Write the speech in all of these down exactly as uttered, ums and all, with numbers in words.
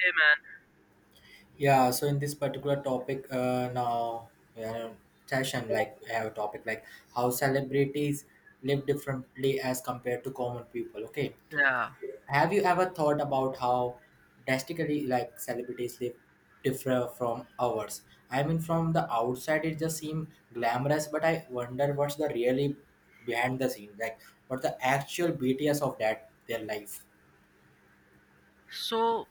Hey Yeah, so in this particular topic, uh, now uh, session, like we have a topic like how celebrities live differently as compared to common people. Okay, man, yeah. have you ever thought about how drastically like celebrities live differ from ours? I mean, from the outside, it just seems glamorous, but I wonder what's the really behind the scene, like what the actual B T S of that their life. So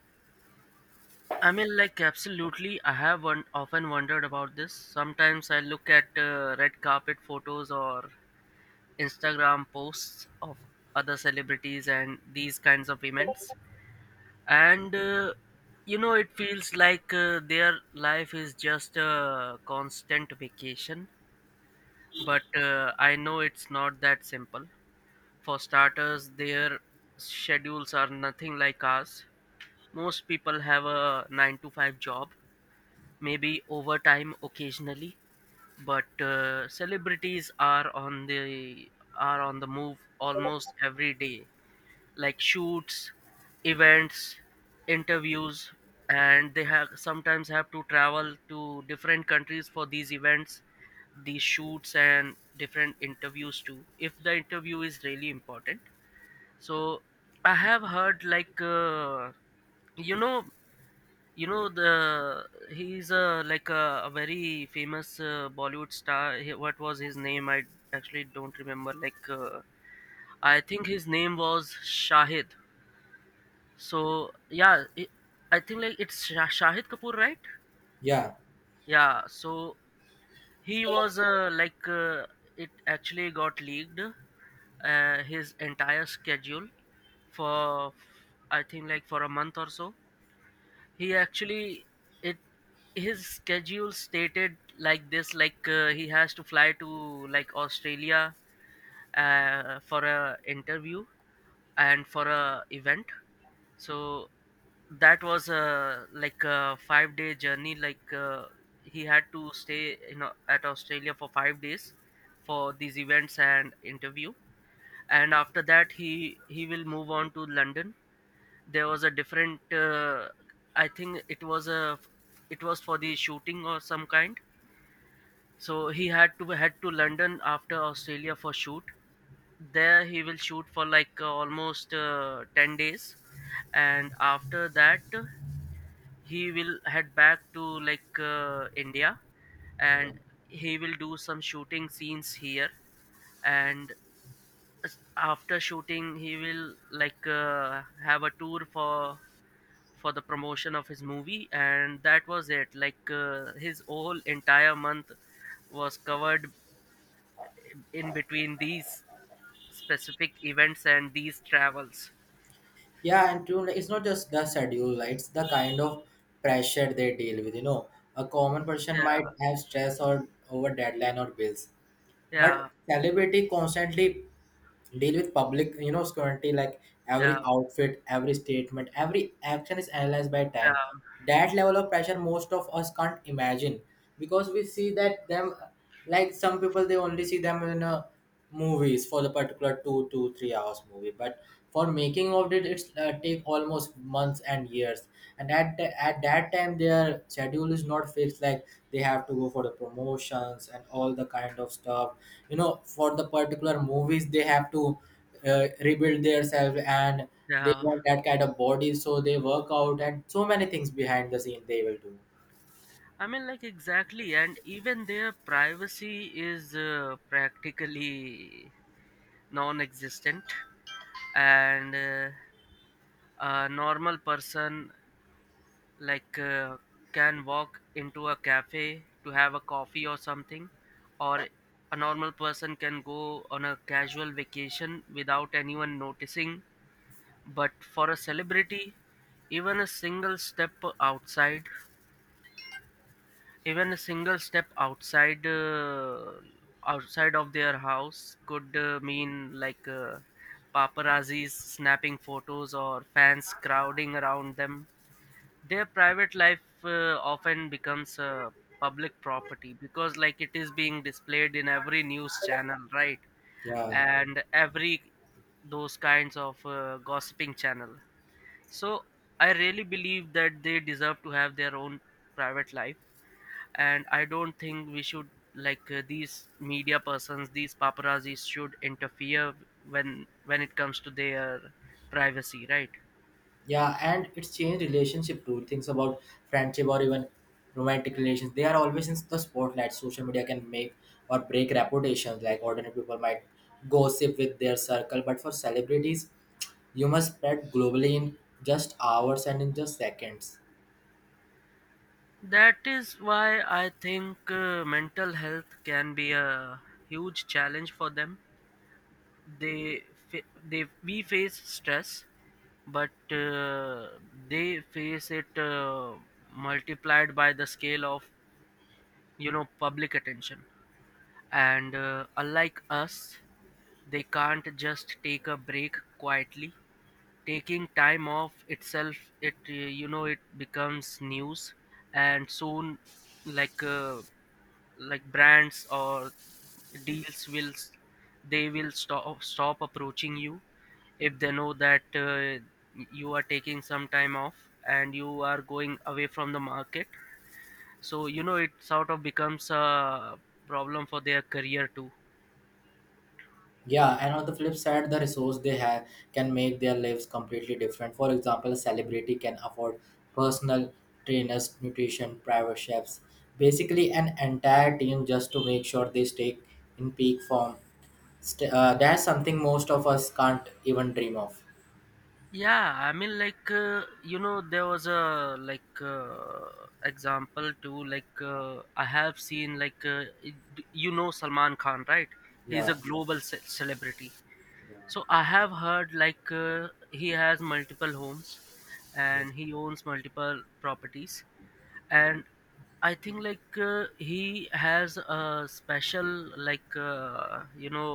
I mean, like, absolutely. I have one, often wondered about this. Sometimes I look at uh, red carpet photos or Instagram posts of other celebrities and these kinds of events, and uh, you know, it feels like uh, their life is just a constant vacation. But uh, I know it's not that simple. For starters, their schedules are nothing like ours. Most people have a nine to five job, maybe overtime occasionally, but uh, celebrities are on the are on the move almost every day, like shoots, events, interviews, and they have sometimes have to travel to different countries for these events, these shoots and different interviews too, if the interview is really important. So I have heard like uh, you know you know the he's a like a, a very famous uh, bollywood star. He, what was his name? I actually don't remember. like uh, I think his name was shahid. So yeah, it, I think like it's Shah- shahid kapoor, right? Yeah. Yeah, so he was uh, like uh, it actually got leaked, uh, his entire schedule for, I think like for a month or so. He actually, it his schedule stated like this, like uh, he has to fly to like australia uh, for a interview and for a event. So that was a like a five day journey. Like uh, he had to stay you know at australia for five days for these events and interview, and after that he he will move on to london. There was a different, uh, I think it was a, it was for the shooting or some kind. So he had to head to london after australia for shoot. There he will shoot for like uh, almost uh, ten days, and after that he will head back to like uh, india, and he will do some shooting scenes here. And after shooting he will like uh, have a tour for for the promotion of his movie. And that was it. Like uh, his whole entire month was covered in between these specific events and these travels. Yeah, and to like, it's not just the schedule, like, it's the kind of pressure they deal with. You know, a common person Yeah, might have stress or over deadline or bills, but yeah, celebrity constantly deal with public, you know, scrutiny. Like yeah, every outfit, every statement, every action is analyzed by yeah, time. That level of pressure, most of us can't imagine because we see that them, like some people they only see them in a movies for the particular two, two, three hours movie, but for making of it it's uh, take almost months and years, and at, the, at that time their schedule is not fixed, like they have to go for the promotions and all the kind of stuff, you know, for the particular movies they have to uh, rebuild themselves, and they yeah. want that kind of body, so they work out and so many things behind the scene they will do. i mean like exactly. And even their privacy is uh, practically non-existent. And uh, a normal person like uh, can walk into a cafe to have a coffee or something, or a normal person can go on a casual vacation without anyone noticing. But for a celebrity, even a single step outside even a single step outside, uh, outside of their house could uh, mean like uh, paparazzis snapping photos or fans crowding around them. Their private life uh, often becomes uh, public property, because like it is being displayed in every news channel, right? Yeah, And every, those kinds of uh, gossiping channel. So I really believe that they deserve to have their own private life, and I don't think we should, like uh, these media persons, these paparazzis, should interfere when when it comes to their privacy, right? yeah, and it's changed relationship too, things about friendship or even romantic relations. They are always in the spotlight. Social media can make or break reputations. Like ordinary people might gossip with their circle, but for celebrities you must spread globally in just hours and in just seconds. That is why I think uh, mental health can be a huge challenge for them. They fa- they we face stress, but uh, they face it uh, multiplied by the scale of you know public attention. And uh, unlike us, they can't just take a break quietly. Taking time off itself, it uh, you know it becomes news, and soon like. Uh, like brands or deals will s- they will stop stop approaching you if they know that uh, you are taking some time off and you are going away from the market. So you know it sort of becomes a problem for their career too. Yeah, and on the flip side, the resource they have can make their lives completely different. For example, a celebrity can afford personal trainers, nutrition, private chefs, basically an entire team just to make sure they stay in peak form. St- uh, that's something most of us can't even dream of. Yeah, i mean like uh, you know there was a, like uh, example too. like uh, I have seen, like uh, it- you know salman khan, right? He's a Yeah. global ce- celebrity. So I have heard like uh, he has multiple homes Yeah. and he owns multiple properties. And I think like uh, he has a special, like uh, you know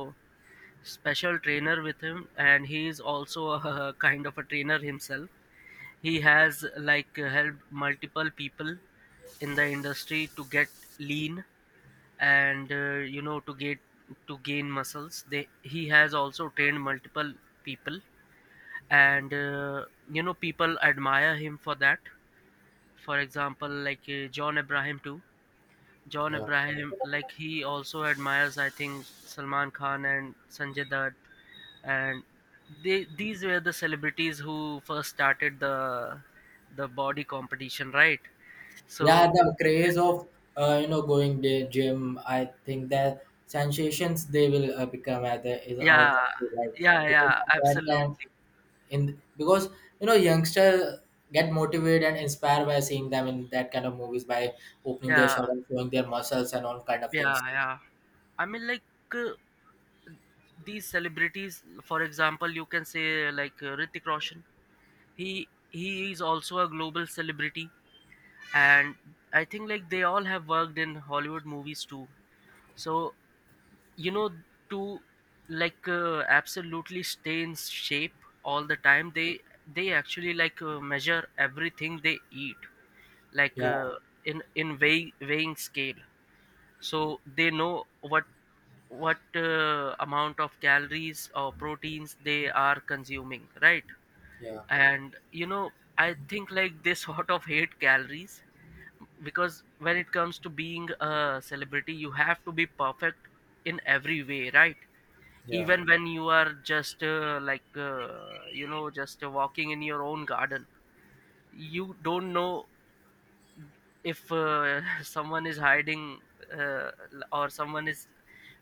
special trainer with him, and he is also a kind of a trainer himself. He has like helped multiple people in the industry to get lean, and uh, you know to get to gain muscles. They He has also trained multiple people. And uh, you know people admire him for that. For example, like uh, john abraham too. John Yeah. abraham, like he also admires, I think, salman khan and sanjay dutt. And they, these were the celebrities who first started the the body competition, right? Yeah, So the craze of, uh, you know, going to gym. I think the sensations they will uh, become at the, is our yeah, country, right? yeah, Because yeah, at that time, absolutely. in, because you know youngster get motivated and inspired by seeing them in that kind of movies by opening their Yeah, shirt and showing their muscles and all kind of yeah, things. yeah. I mean, like uh, these celebrities, for example you can say like uh, Hrithik Roshan. He he is also a global celebrity, and I think like they all have worked in hollywood movies too. So you know, to like uh, absolutely stay in shape all the time, they they actually like uh, measure everything they eat, like Yeah, uh, in, in weigh, weighing scale. So they know what what uh, amount of calories or proteins they are consuming, right? yeah, And you know, I think like they sort of hate calories, because when it comes to being a celebrity you have to be perfect in every way, right? yeah. Even when you are just uh, like uh, you know just uh, walking in your own garden, you don't know if uh, someone is hiding, uh, l- or someone is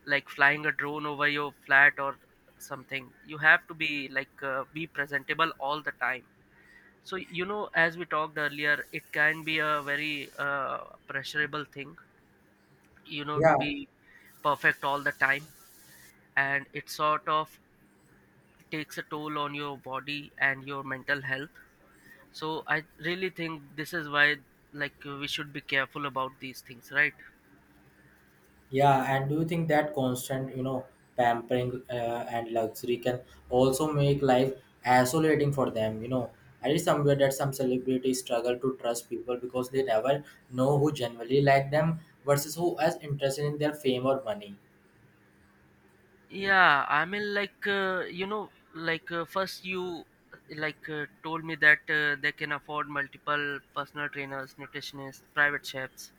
like flying a drone over your flat or something. You have to be like uh, be presentable all the time. So, you know, as we talked earlier, it can be a very uh, pressurable thing, you know, to be perfect all the time. And it sort of takes a toll on your body and your mental health. So, I really think this is why, like, we should be careful about these things, right? Yeah, and do you think that constant, you know, pampering uh, and luxury can also make life isolating for them? You know, I read somewhere that some celebrities struggle to trust people because they never know who genuinely like them versus who is interested in their fame or money. Yeah, I mean, like, uh, you know, like, uh, first you uh, like uh, told me that uh, they can afford multiple personal trainers, nutritionists, private chefs.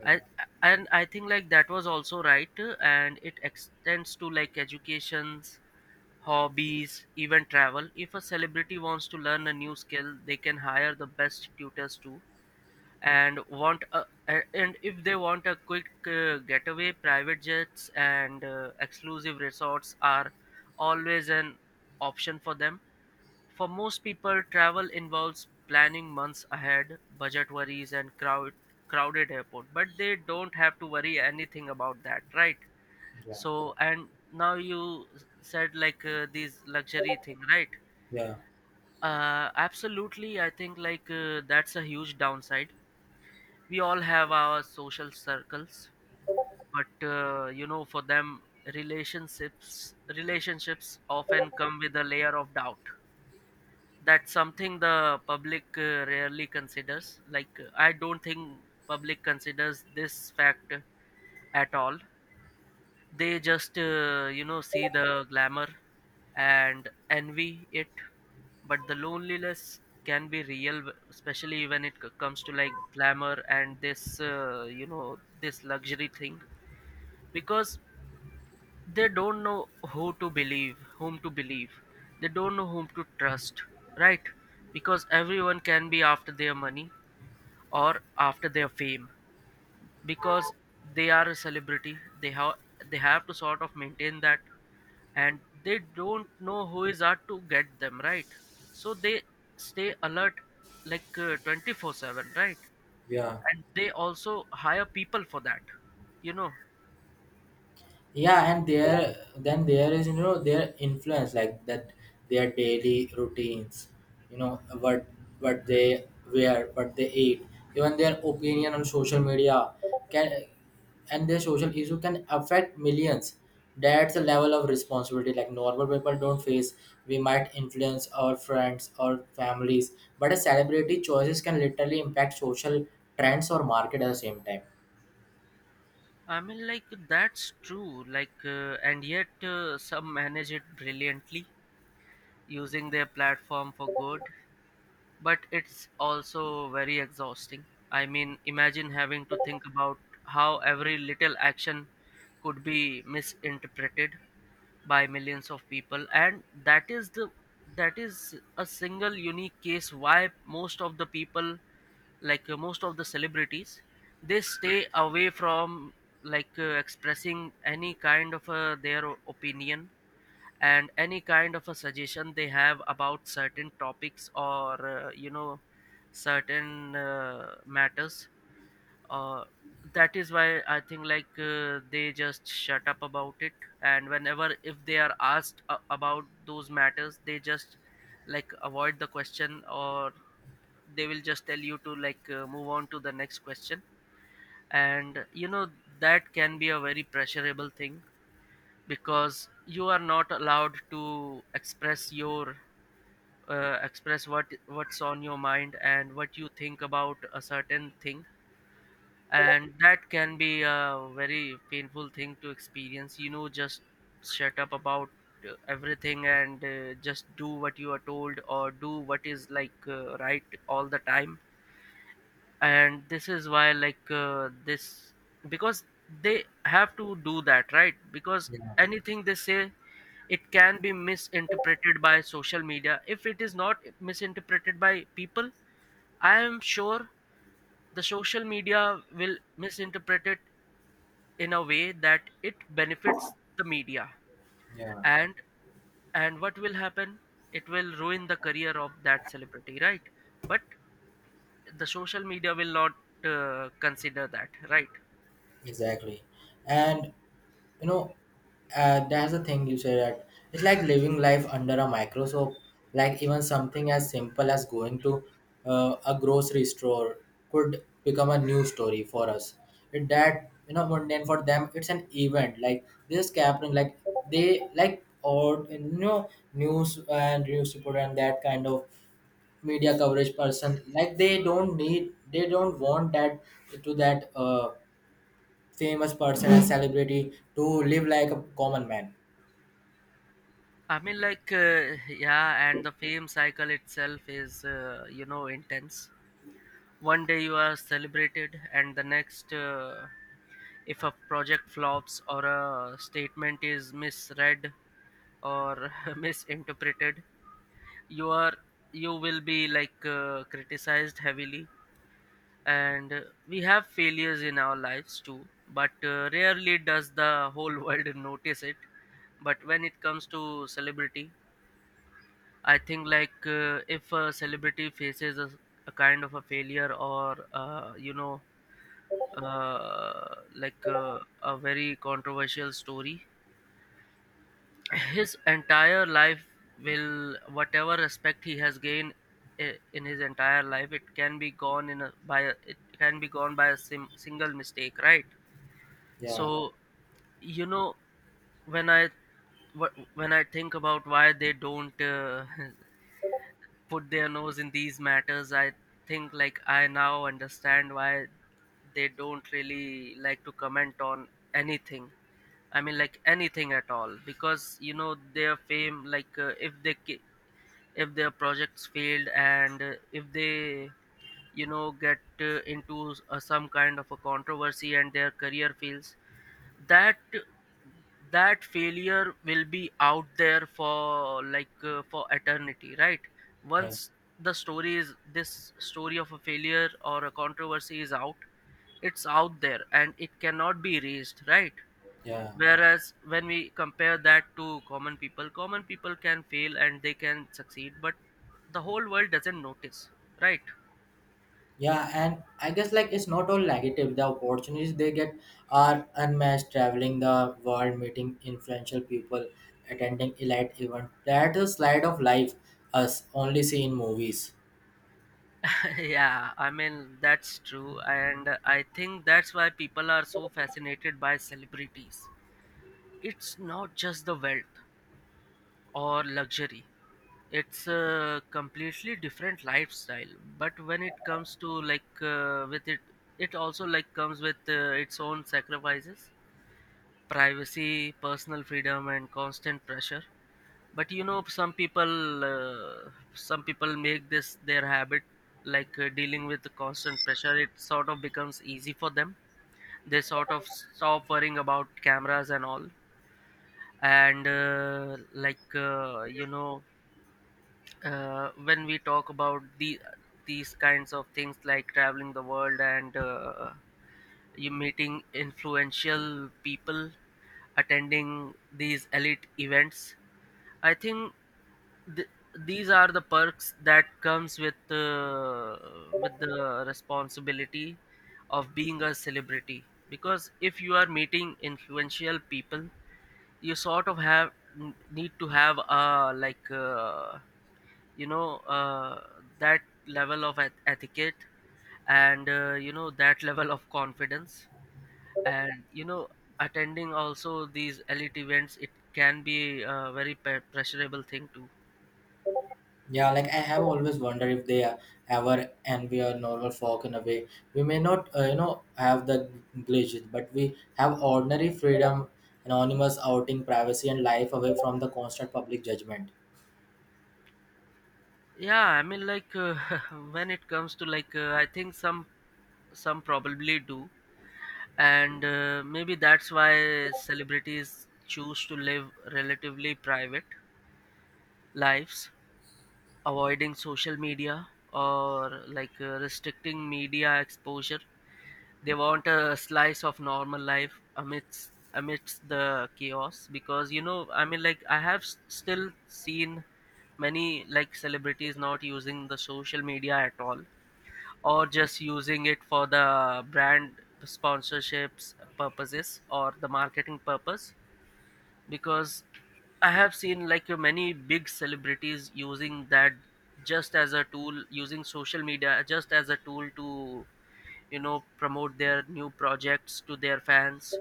Yeah, I And I think like that was also right, uh, and it extends to like educations, hobbies, even travel. If a celebrity wants to learn a new skill, they can hire the best tutors too. And want a, a- and if they want a quick uh, getaway, private jets and uh, exclusive resorts are always an option for them. For most people, travel involves planning months ahead, budget worries, and crowd, crowded airport. But they don't have to worry anything about that, right? yeah, So, and now you s- said like uh, these luxury thing, right? yeah. Uh, absolutely. I think like uh, that's a huge downside. We all have our social circles, but uh, you know, for them, relationships relationships often come with a layer of doubt. That's something the public uh, rarely considers. Like uh, I don't think public considers this fact at all. They just uh, you know see the glamour and envy it, but the loneliness can be real, w- especially when it c- comes to like glamour and this uh, you know this luxury thing, because they don't know who to believe, whom to believe. They don't know whom to trust, right? Because everyone can be after their money or after their fame, because they are a celebrity. They have, they have to sort of maintain that. And they don't know who is out to get them, right? So they stay alert like uh, twenty-four seven, right? Yeah. And they also hire people for that, you know. Yeah, and there, then there is, you know, their influence like that, their daily routines, you know, what what they wear, what they eat, even their opinion on social media can, and their social issue can affect millions. That's a level of responsibility like normal people don't face. We might influence our friends or families, but a celebrity choices can literally impact social trends or market at the same time. I mean, like that's true. Like, uh, and yet uh, some manage it brilliantly, using their platform for good. But it's also very exhausting. I mean, imagine having to think about how every little action could be misinterpreted by millions of people, and that is the that is a single unique case why most of the people like uh, most of the celebrities they stay away from like uh, expressing any kind of uh, their o- opinion and any kind of a suggestion they have about certain topics or uh, you know certain uh, matters. uh, that is why I think like uh, they just shut up about it. And whenever if they are asked uh, about those matters, they just like avoid the question, or they will just tell you to like uh, move on to the next question. And you know that can be a very pressurable thing, because you are not allowed to express your uh, express what what's on your mind and what you think about a certain thing. And that can be a very painful thing to experience, you know just shut up about uh, everything, and uh, just do what you are told or do what is like uh, right all the time. And this is why like uh, this because they have to do that, right? Because Yeah, anything they say, it can be misinterpreted by social media. If it is not misinterpreted by people, I am sure the social media will misinterpret it in a way that it benefits the media. yeah. And and what will happen, it will ruin the career of that celebrity, right? But the social media will not uh, consider that, right? Exactly. And you know, uh, that's the thing you said, that it's like living life under a microscope. Like even something as simple as going to uh, a grocery store could become a news story for us. It that, you know, mundane for them, it's an event. Like this is happening. Like they like, or you know, news and news report and that kind of media coverage person. Like they don't need, they don't want that to that. Uh, famous person and celebrity to live like a common man. I mean, like, uh, yeah, and the fame cycle itself is uh, you know, intense. One day you are celebrated, and the next, uh, if a project flops or a statement is misread or misinterpreted, you are you will be like uh, criticized heavily. And uh, we have failures in our lives too, but uh, rarely does the whole world notice it. But when it comes to celebrity, I think like uh, if a celebrity faces a, a kind of a failure or uh, you know uh, like uh, a very controversial story, his entire life will whatever respect he has gained i- in his entire life, it can be gone in a, by a, it can be gone by a sim, single mistake, right? Yeah, So you know when i wh- when I think about why they don't uh, put their nose in these matters, I think like I now understand why they don't really like to comment on anything. I mean, like, anything at all, because you know their fame, like uh, if they ca- if their projects failed, and uh, if they you know get uh, into s- uh, some kind of a controversy and their career fails, that that failure will be out there for like uh, for eternity, right? yeah, Once the story is this story of a failure or a controversy is out, it's out there and it cannot be erased, right? yeah. Whereas when we compare that to common people, common people can fail and they can succeed, but the whole world doesn't notice, right? Yeah, and I guess like it's not all negative. The opportunities they get are unmatched: traveling the world, meeting influential people, attending elite events. That is slide of life us only see in movies. Yeah, I mean, that's true, and I think that's why people are so fascinated by celebrities. It's not just the wealth or luxury. It's a completely different lifestyle. But when it comes to like uh, with it, it also like comes with uh, its own sacrifices, privacy, personal freedom, and constant pressure. But you know, some people, uh, some people make this their habit. Like, uh, dealing with the constant pressure, it sort of becomes easy for them. They sort of stop worrying about cameras and all, and uh, like uh, you know uh, when we talk about the these kinds of things, like traveling the world, and uh, you meeting influential people, attending these elite events, I think th- these are the perks that comes with uh, with the responsibility of being a celebrity. Because if you are meeting influential people, you sort of have need to have uh like uh, you know uh, that level of eth- etiquette, and uh, you know that level of confidence. And you know attending also these elite events, it can be a very pe- pressurable thing too. Yeah, like I have always wondered if they are ever envy we normal folk in a way. We may not, uh, you know, have the glitches, but we have ordinary freedom, anonymous outing, privacy, and life away from the constant public judgment. Yeah, I mean, like uh, when it comes to like uh, I think some some probably do. And uh, maybe that's why celebrities choose to live relatively private lives, avoiding social media or like uh, restricting media exposure. They want a slice of normal life amidst amidst the chaos, because you know I mean, like, I have s- still seen many like celebrities not using the social media at all, or just using it for the brand sponsorships purposes or the marketing purpose, because I have seen like uh, many big celebrities using that just as a tool, using social media just as a tool to you know promote their new projects to their fans,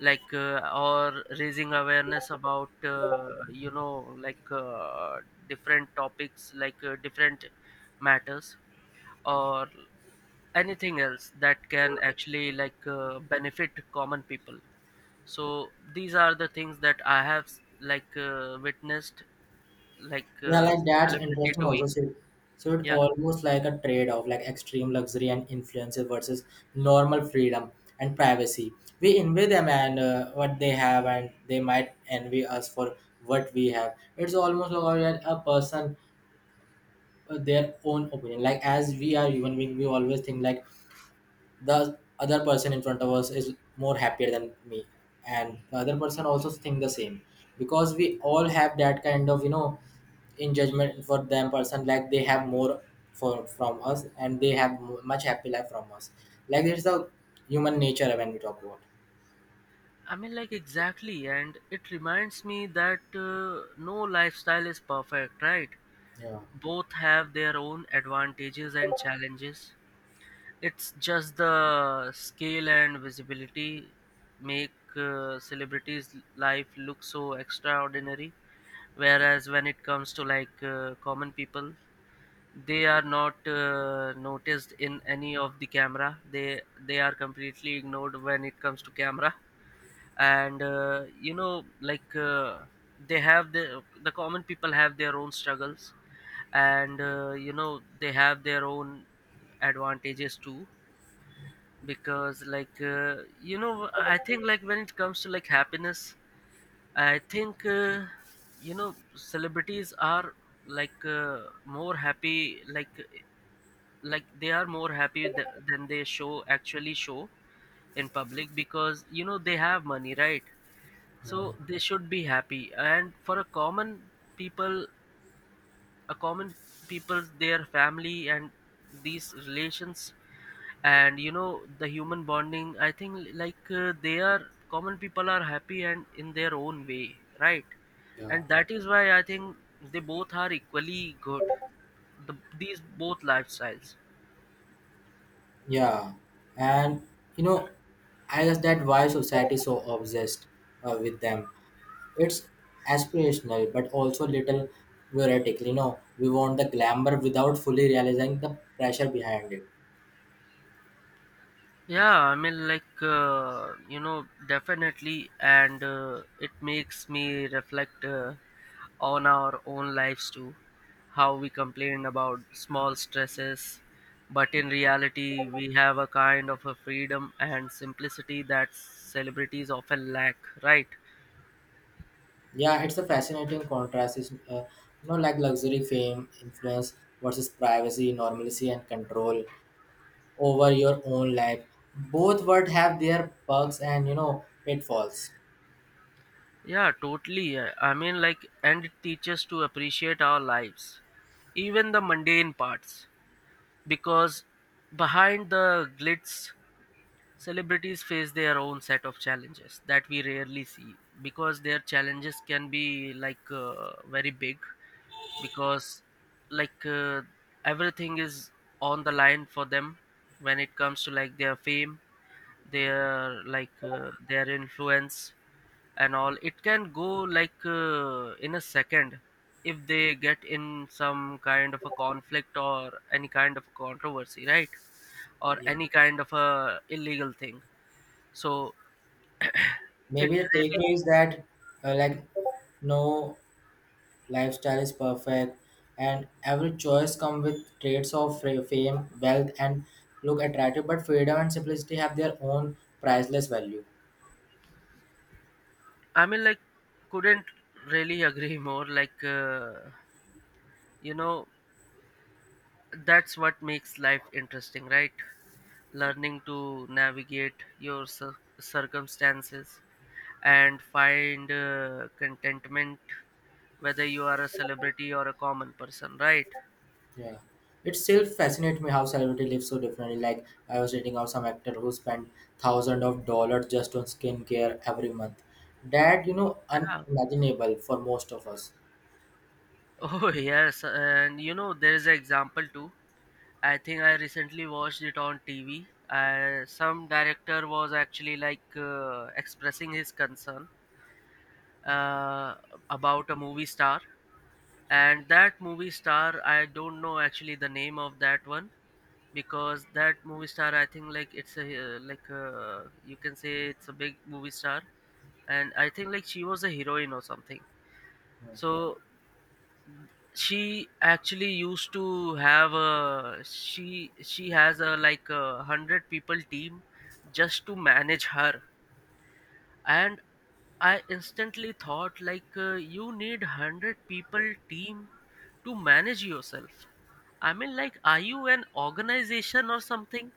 like uh, or raising awareness about uh, you know like uh, different topics, like uh, different matters, or anything else that can actually like uh, benefit common people. So these are the things that I have s- like uh, witnessed like Yeah, uh, like that's celebrity interesting. doing. Also, so, so it Yeah, almost like a trade-off, like extreme luxury and influences versus normal freedom and privacy. We envy them and uh, what they have, and they might envy us for what we have. It's almost like a a person, uh, their own opinion, like as we are human being we always think like the other person in front of us is more happier than me, and the other person also think the same, because we all have that kind of, you know, in judgment for them person, like they have more for from us and they have m- much happy life from us. Like it's the human nature when we talk about. I mean, like, exactly, and it reminds me that uh, no lifestyle is perfect, right? Yeah. Both have their own advantages and challenges. It's just the scale and visibility make uh, celebrities life look so extraordinary, whereas when it comes to like uh, common people, they are not uh, noticed in any of the camera. They they are completely ignored when it comes to camera. And uh, you know, like uh, they have the the common people have their own struggles, and uh, you know they have their own advantages too, because like uh, you know I think, like, when it comes to like happiness, I think uh, you know celebrities are like uh, more happy, like like they are more happy th- than they show actually show in public, because you know they have money, right? Right. So they should be happy. And for a common people, a common people, their family and these relations, and you know the human bonding, I think like uh, they are common people are happy and in their own way, right? Yeah. And that is why I think they both are equally good, the, these both lifestyles. Yeah, and you know, I guess that why society is so obsessed uh, with them. It's aspirational but also little theoretical. You know, we want the glamour without fully realizing the pressure behind it. Yeah, I mean, like, uh, you know, definitely, and uh, it makes me reflect uh, on our own lives too. How we complain about small stresses, but in reality, we have a kind of a freedom and simplicity that celebrities often lack, right? Yeah, it's a fascinating contrast. It's uh, you know, like luxury, fame, influence versus privacy, normalcy, and control over your own life. Both would have their perks and, you know, pitfalls. Yeah, totally. uh, I mean, like, and it teaches to appreciate our lives, even the mundane parts, because behind the glitz, celebrities face their own set of challenges that we rarely see, because their challenges can be like uh, very big, because like uh, everything is on the line for them when it comes to like their fame, their like uh, their influence, and all it can go like uh, in a second, if they get in some kind of a conflict or any kind of a controversy, right? Or Yeah, any kind of a illegal thing. So it maybe the really takeaway is that, uh, like, no lifestyle is perfect, and every choice come with traits of fa- fame, wealth, and look attractive, but freedom and simplicity have their own priceless value. I mean, like, couldn't really agree more, like uh, you know that's what makes life interesting, right? Learning to navigate your cir- circumstances and find uh, contentment, whether you are a celebrity or a common person, right? Yeah, it still fascinates me how celebrity lives so differently. Like I was reading of some actor who spent thousands of dollars just on skincare every month. That, you know, Yeah. unimaginable for most of us. Oh, yes. And you know, there is an example too. I think I recently watched it on T V. Uh, some director was actually like uh, expressing his concern uh, about a movie star, and that movie star, I don't know actually the name of that one, because that movie star, I think, like, it's a uh, like uh, you can say it's a big movie star, and I think like she was a heroine or something. So she actually used to have a she she has a like a hundred people team just to manage her. And I instantly thought, like, uh, you need hundred people team to manage yourself. I mean, like, are you an organization or something?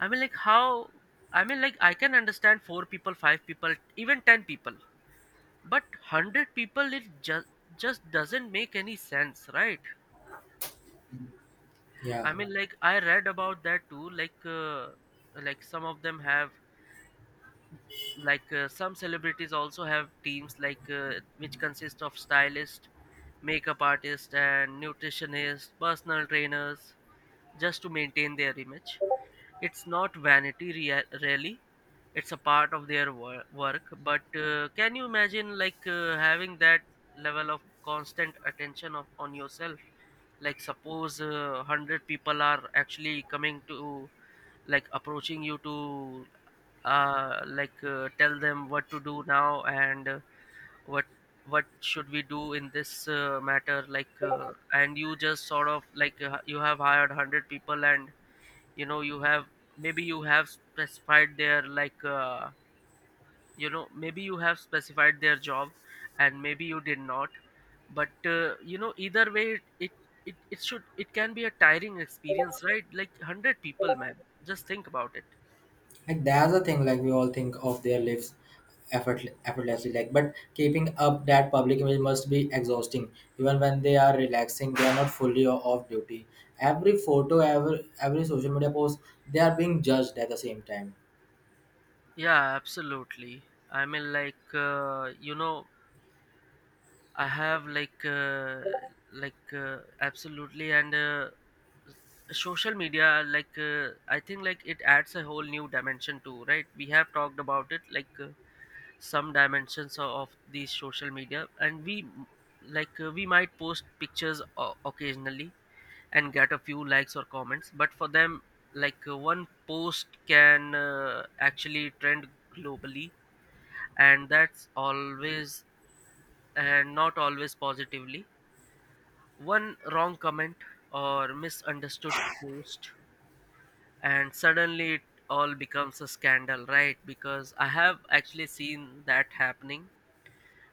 I mean, like, how? I mean, like, I can understand four people, five people, even ten people, but hundred people, it just just doesn't make any sense, right? I Yeah. mean, like, I read about that too. Like, uh, like some of them have, like, uh, some celebrities also have teams, like, uh, which consist of stylist, makeup artist, and nutritionist, personal trainers, just to maintain their image. It's not vanity, rea- really. It's a part of their wor- work, but uh, can you imagine like uh, having that level of constant attention of, on yourself? Like suppose uh, one hundred people are actually coming to like approaching you to uh, like uh, tell them what to do now, and uh, what what should we do in this uh, matter, like uh, and you just sort of like uh, you have hired one hundred people, and you know you have maybe you have specified their like uh, you know maybe you have specified their job, and maybe you did not. But uh, you know either way, it, it it should it can be a tiring experience, right? Like, one hundred people, man, just think about it. Like that's the thing. Like we all think of their lives effort, effortlessly. Like, but keeping up that public image must be exhausting. Even when they are relaxing, they are not fully o- off duty. Every photo, every every social media post, they are being judged at the same time. Yeah, absolutely. I mean, like uh, you know I have like uh, like uh, absolutely. And uh, social media, like uh, I think like it adds a whole new dimension too, right? We have talked about it, like uh, some dimensions o- of these social media. And we m- like uh, we might post pictures o- occasionally and get a few likes or comments, but for them, like uh, one post can uh, actually trend globally, and that's always and not always positively. One wrong comment or misunderstood post, and suddenly it all becomes a scandal, right? Because I have actually seen that happening.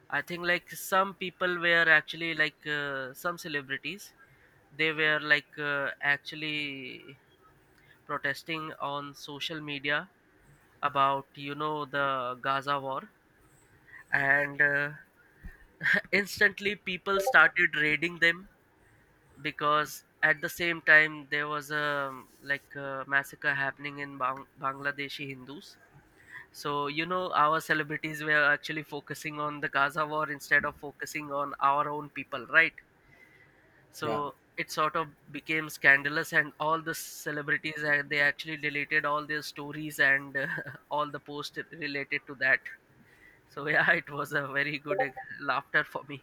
I think like some people were actually like uh, some celebrities, they were like uh, actually protesting on social media about you know the Gaza war, and uh, instantly people started raiding them, because at the same time there was a like a massacre happening in Bang- Bangladeshi Hindus. So you know our celebrities were actually focusing on the Gaza war instead of focusing on our own people, right? Yeah. So it sort of became scandalous, and all the celebrities uh, they actually deleted all their stories and uh, all the posts related to that. So yeah, it was a very good uh, laughter for me.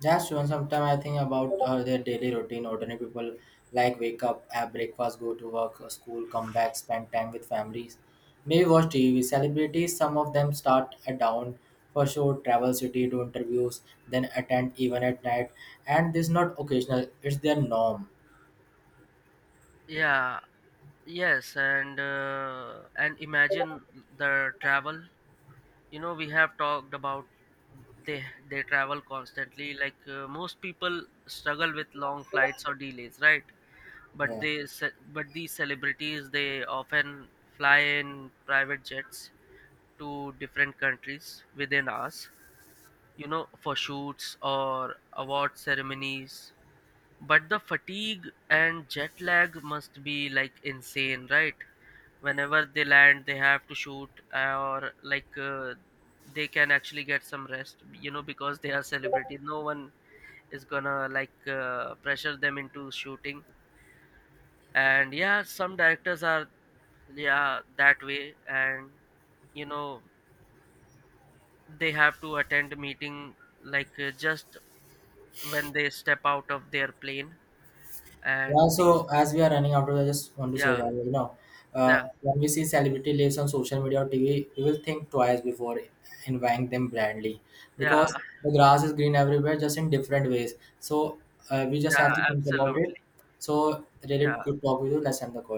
That's one. Sometimes I think about uh, their daily routine. Ordinary people like wake up, have breakfast, go to work, uh, school, come back, spend time with families, maybe watch T V. Celebrities, some of them start at dawn for show, travel city, do interviews, then attend even at night. And this is not occasional; it's their norm. Yeah, yes. And uh, and imagine the travel. You know, we have talked about, they they travel constantly. Like uh, most people struggle with long flights or delays, right? But Yeah. they ce- but these celebrities, they often fly in private jets to different countries within us, you know, for shoots or award ceremonies. But the fatigue and jet lag must be like insane, right? Whenever they land, they have to shoot, uh, or like uh, they can actually get some rest, you know, because they are celebrity, no one is gonna like uh, pressure them into shooting. And yeah, some directors are, yeah, that way. And you know they have to attend meeting like uh, just when they step out of their plane. Yeah, And these, so as we are running out of, I just want to say yeah, that, you know, uh, yeah, when we see celebrity lives on social media or T V, we will think twice before inviting them blindly, yeah, because the grass is green everywhere, just in different ways. So uh, we just yeah, have to think about it. absolutely, So really yeah. good talk with you. Let's end the call.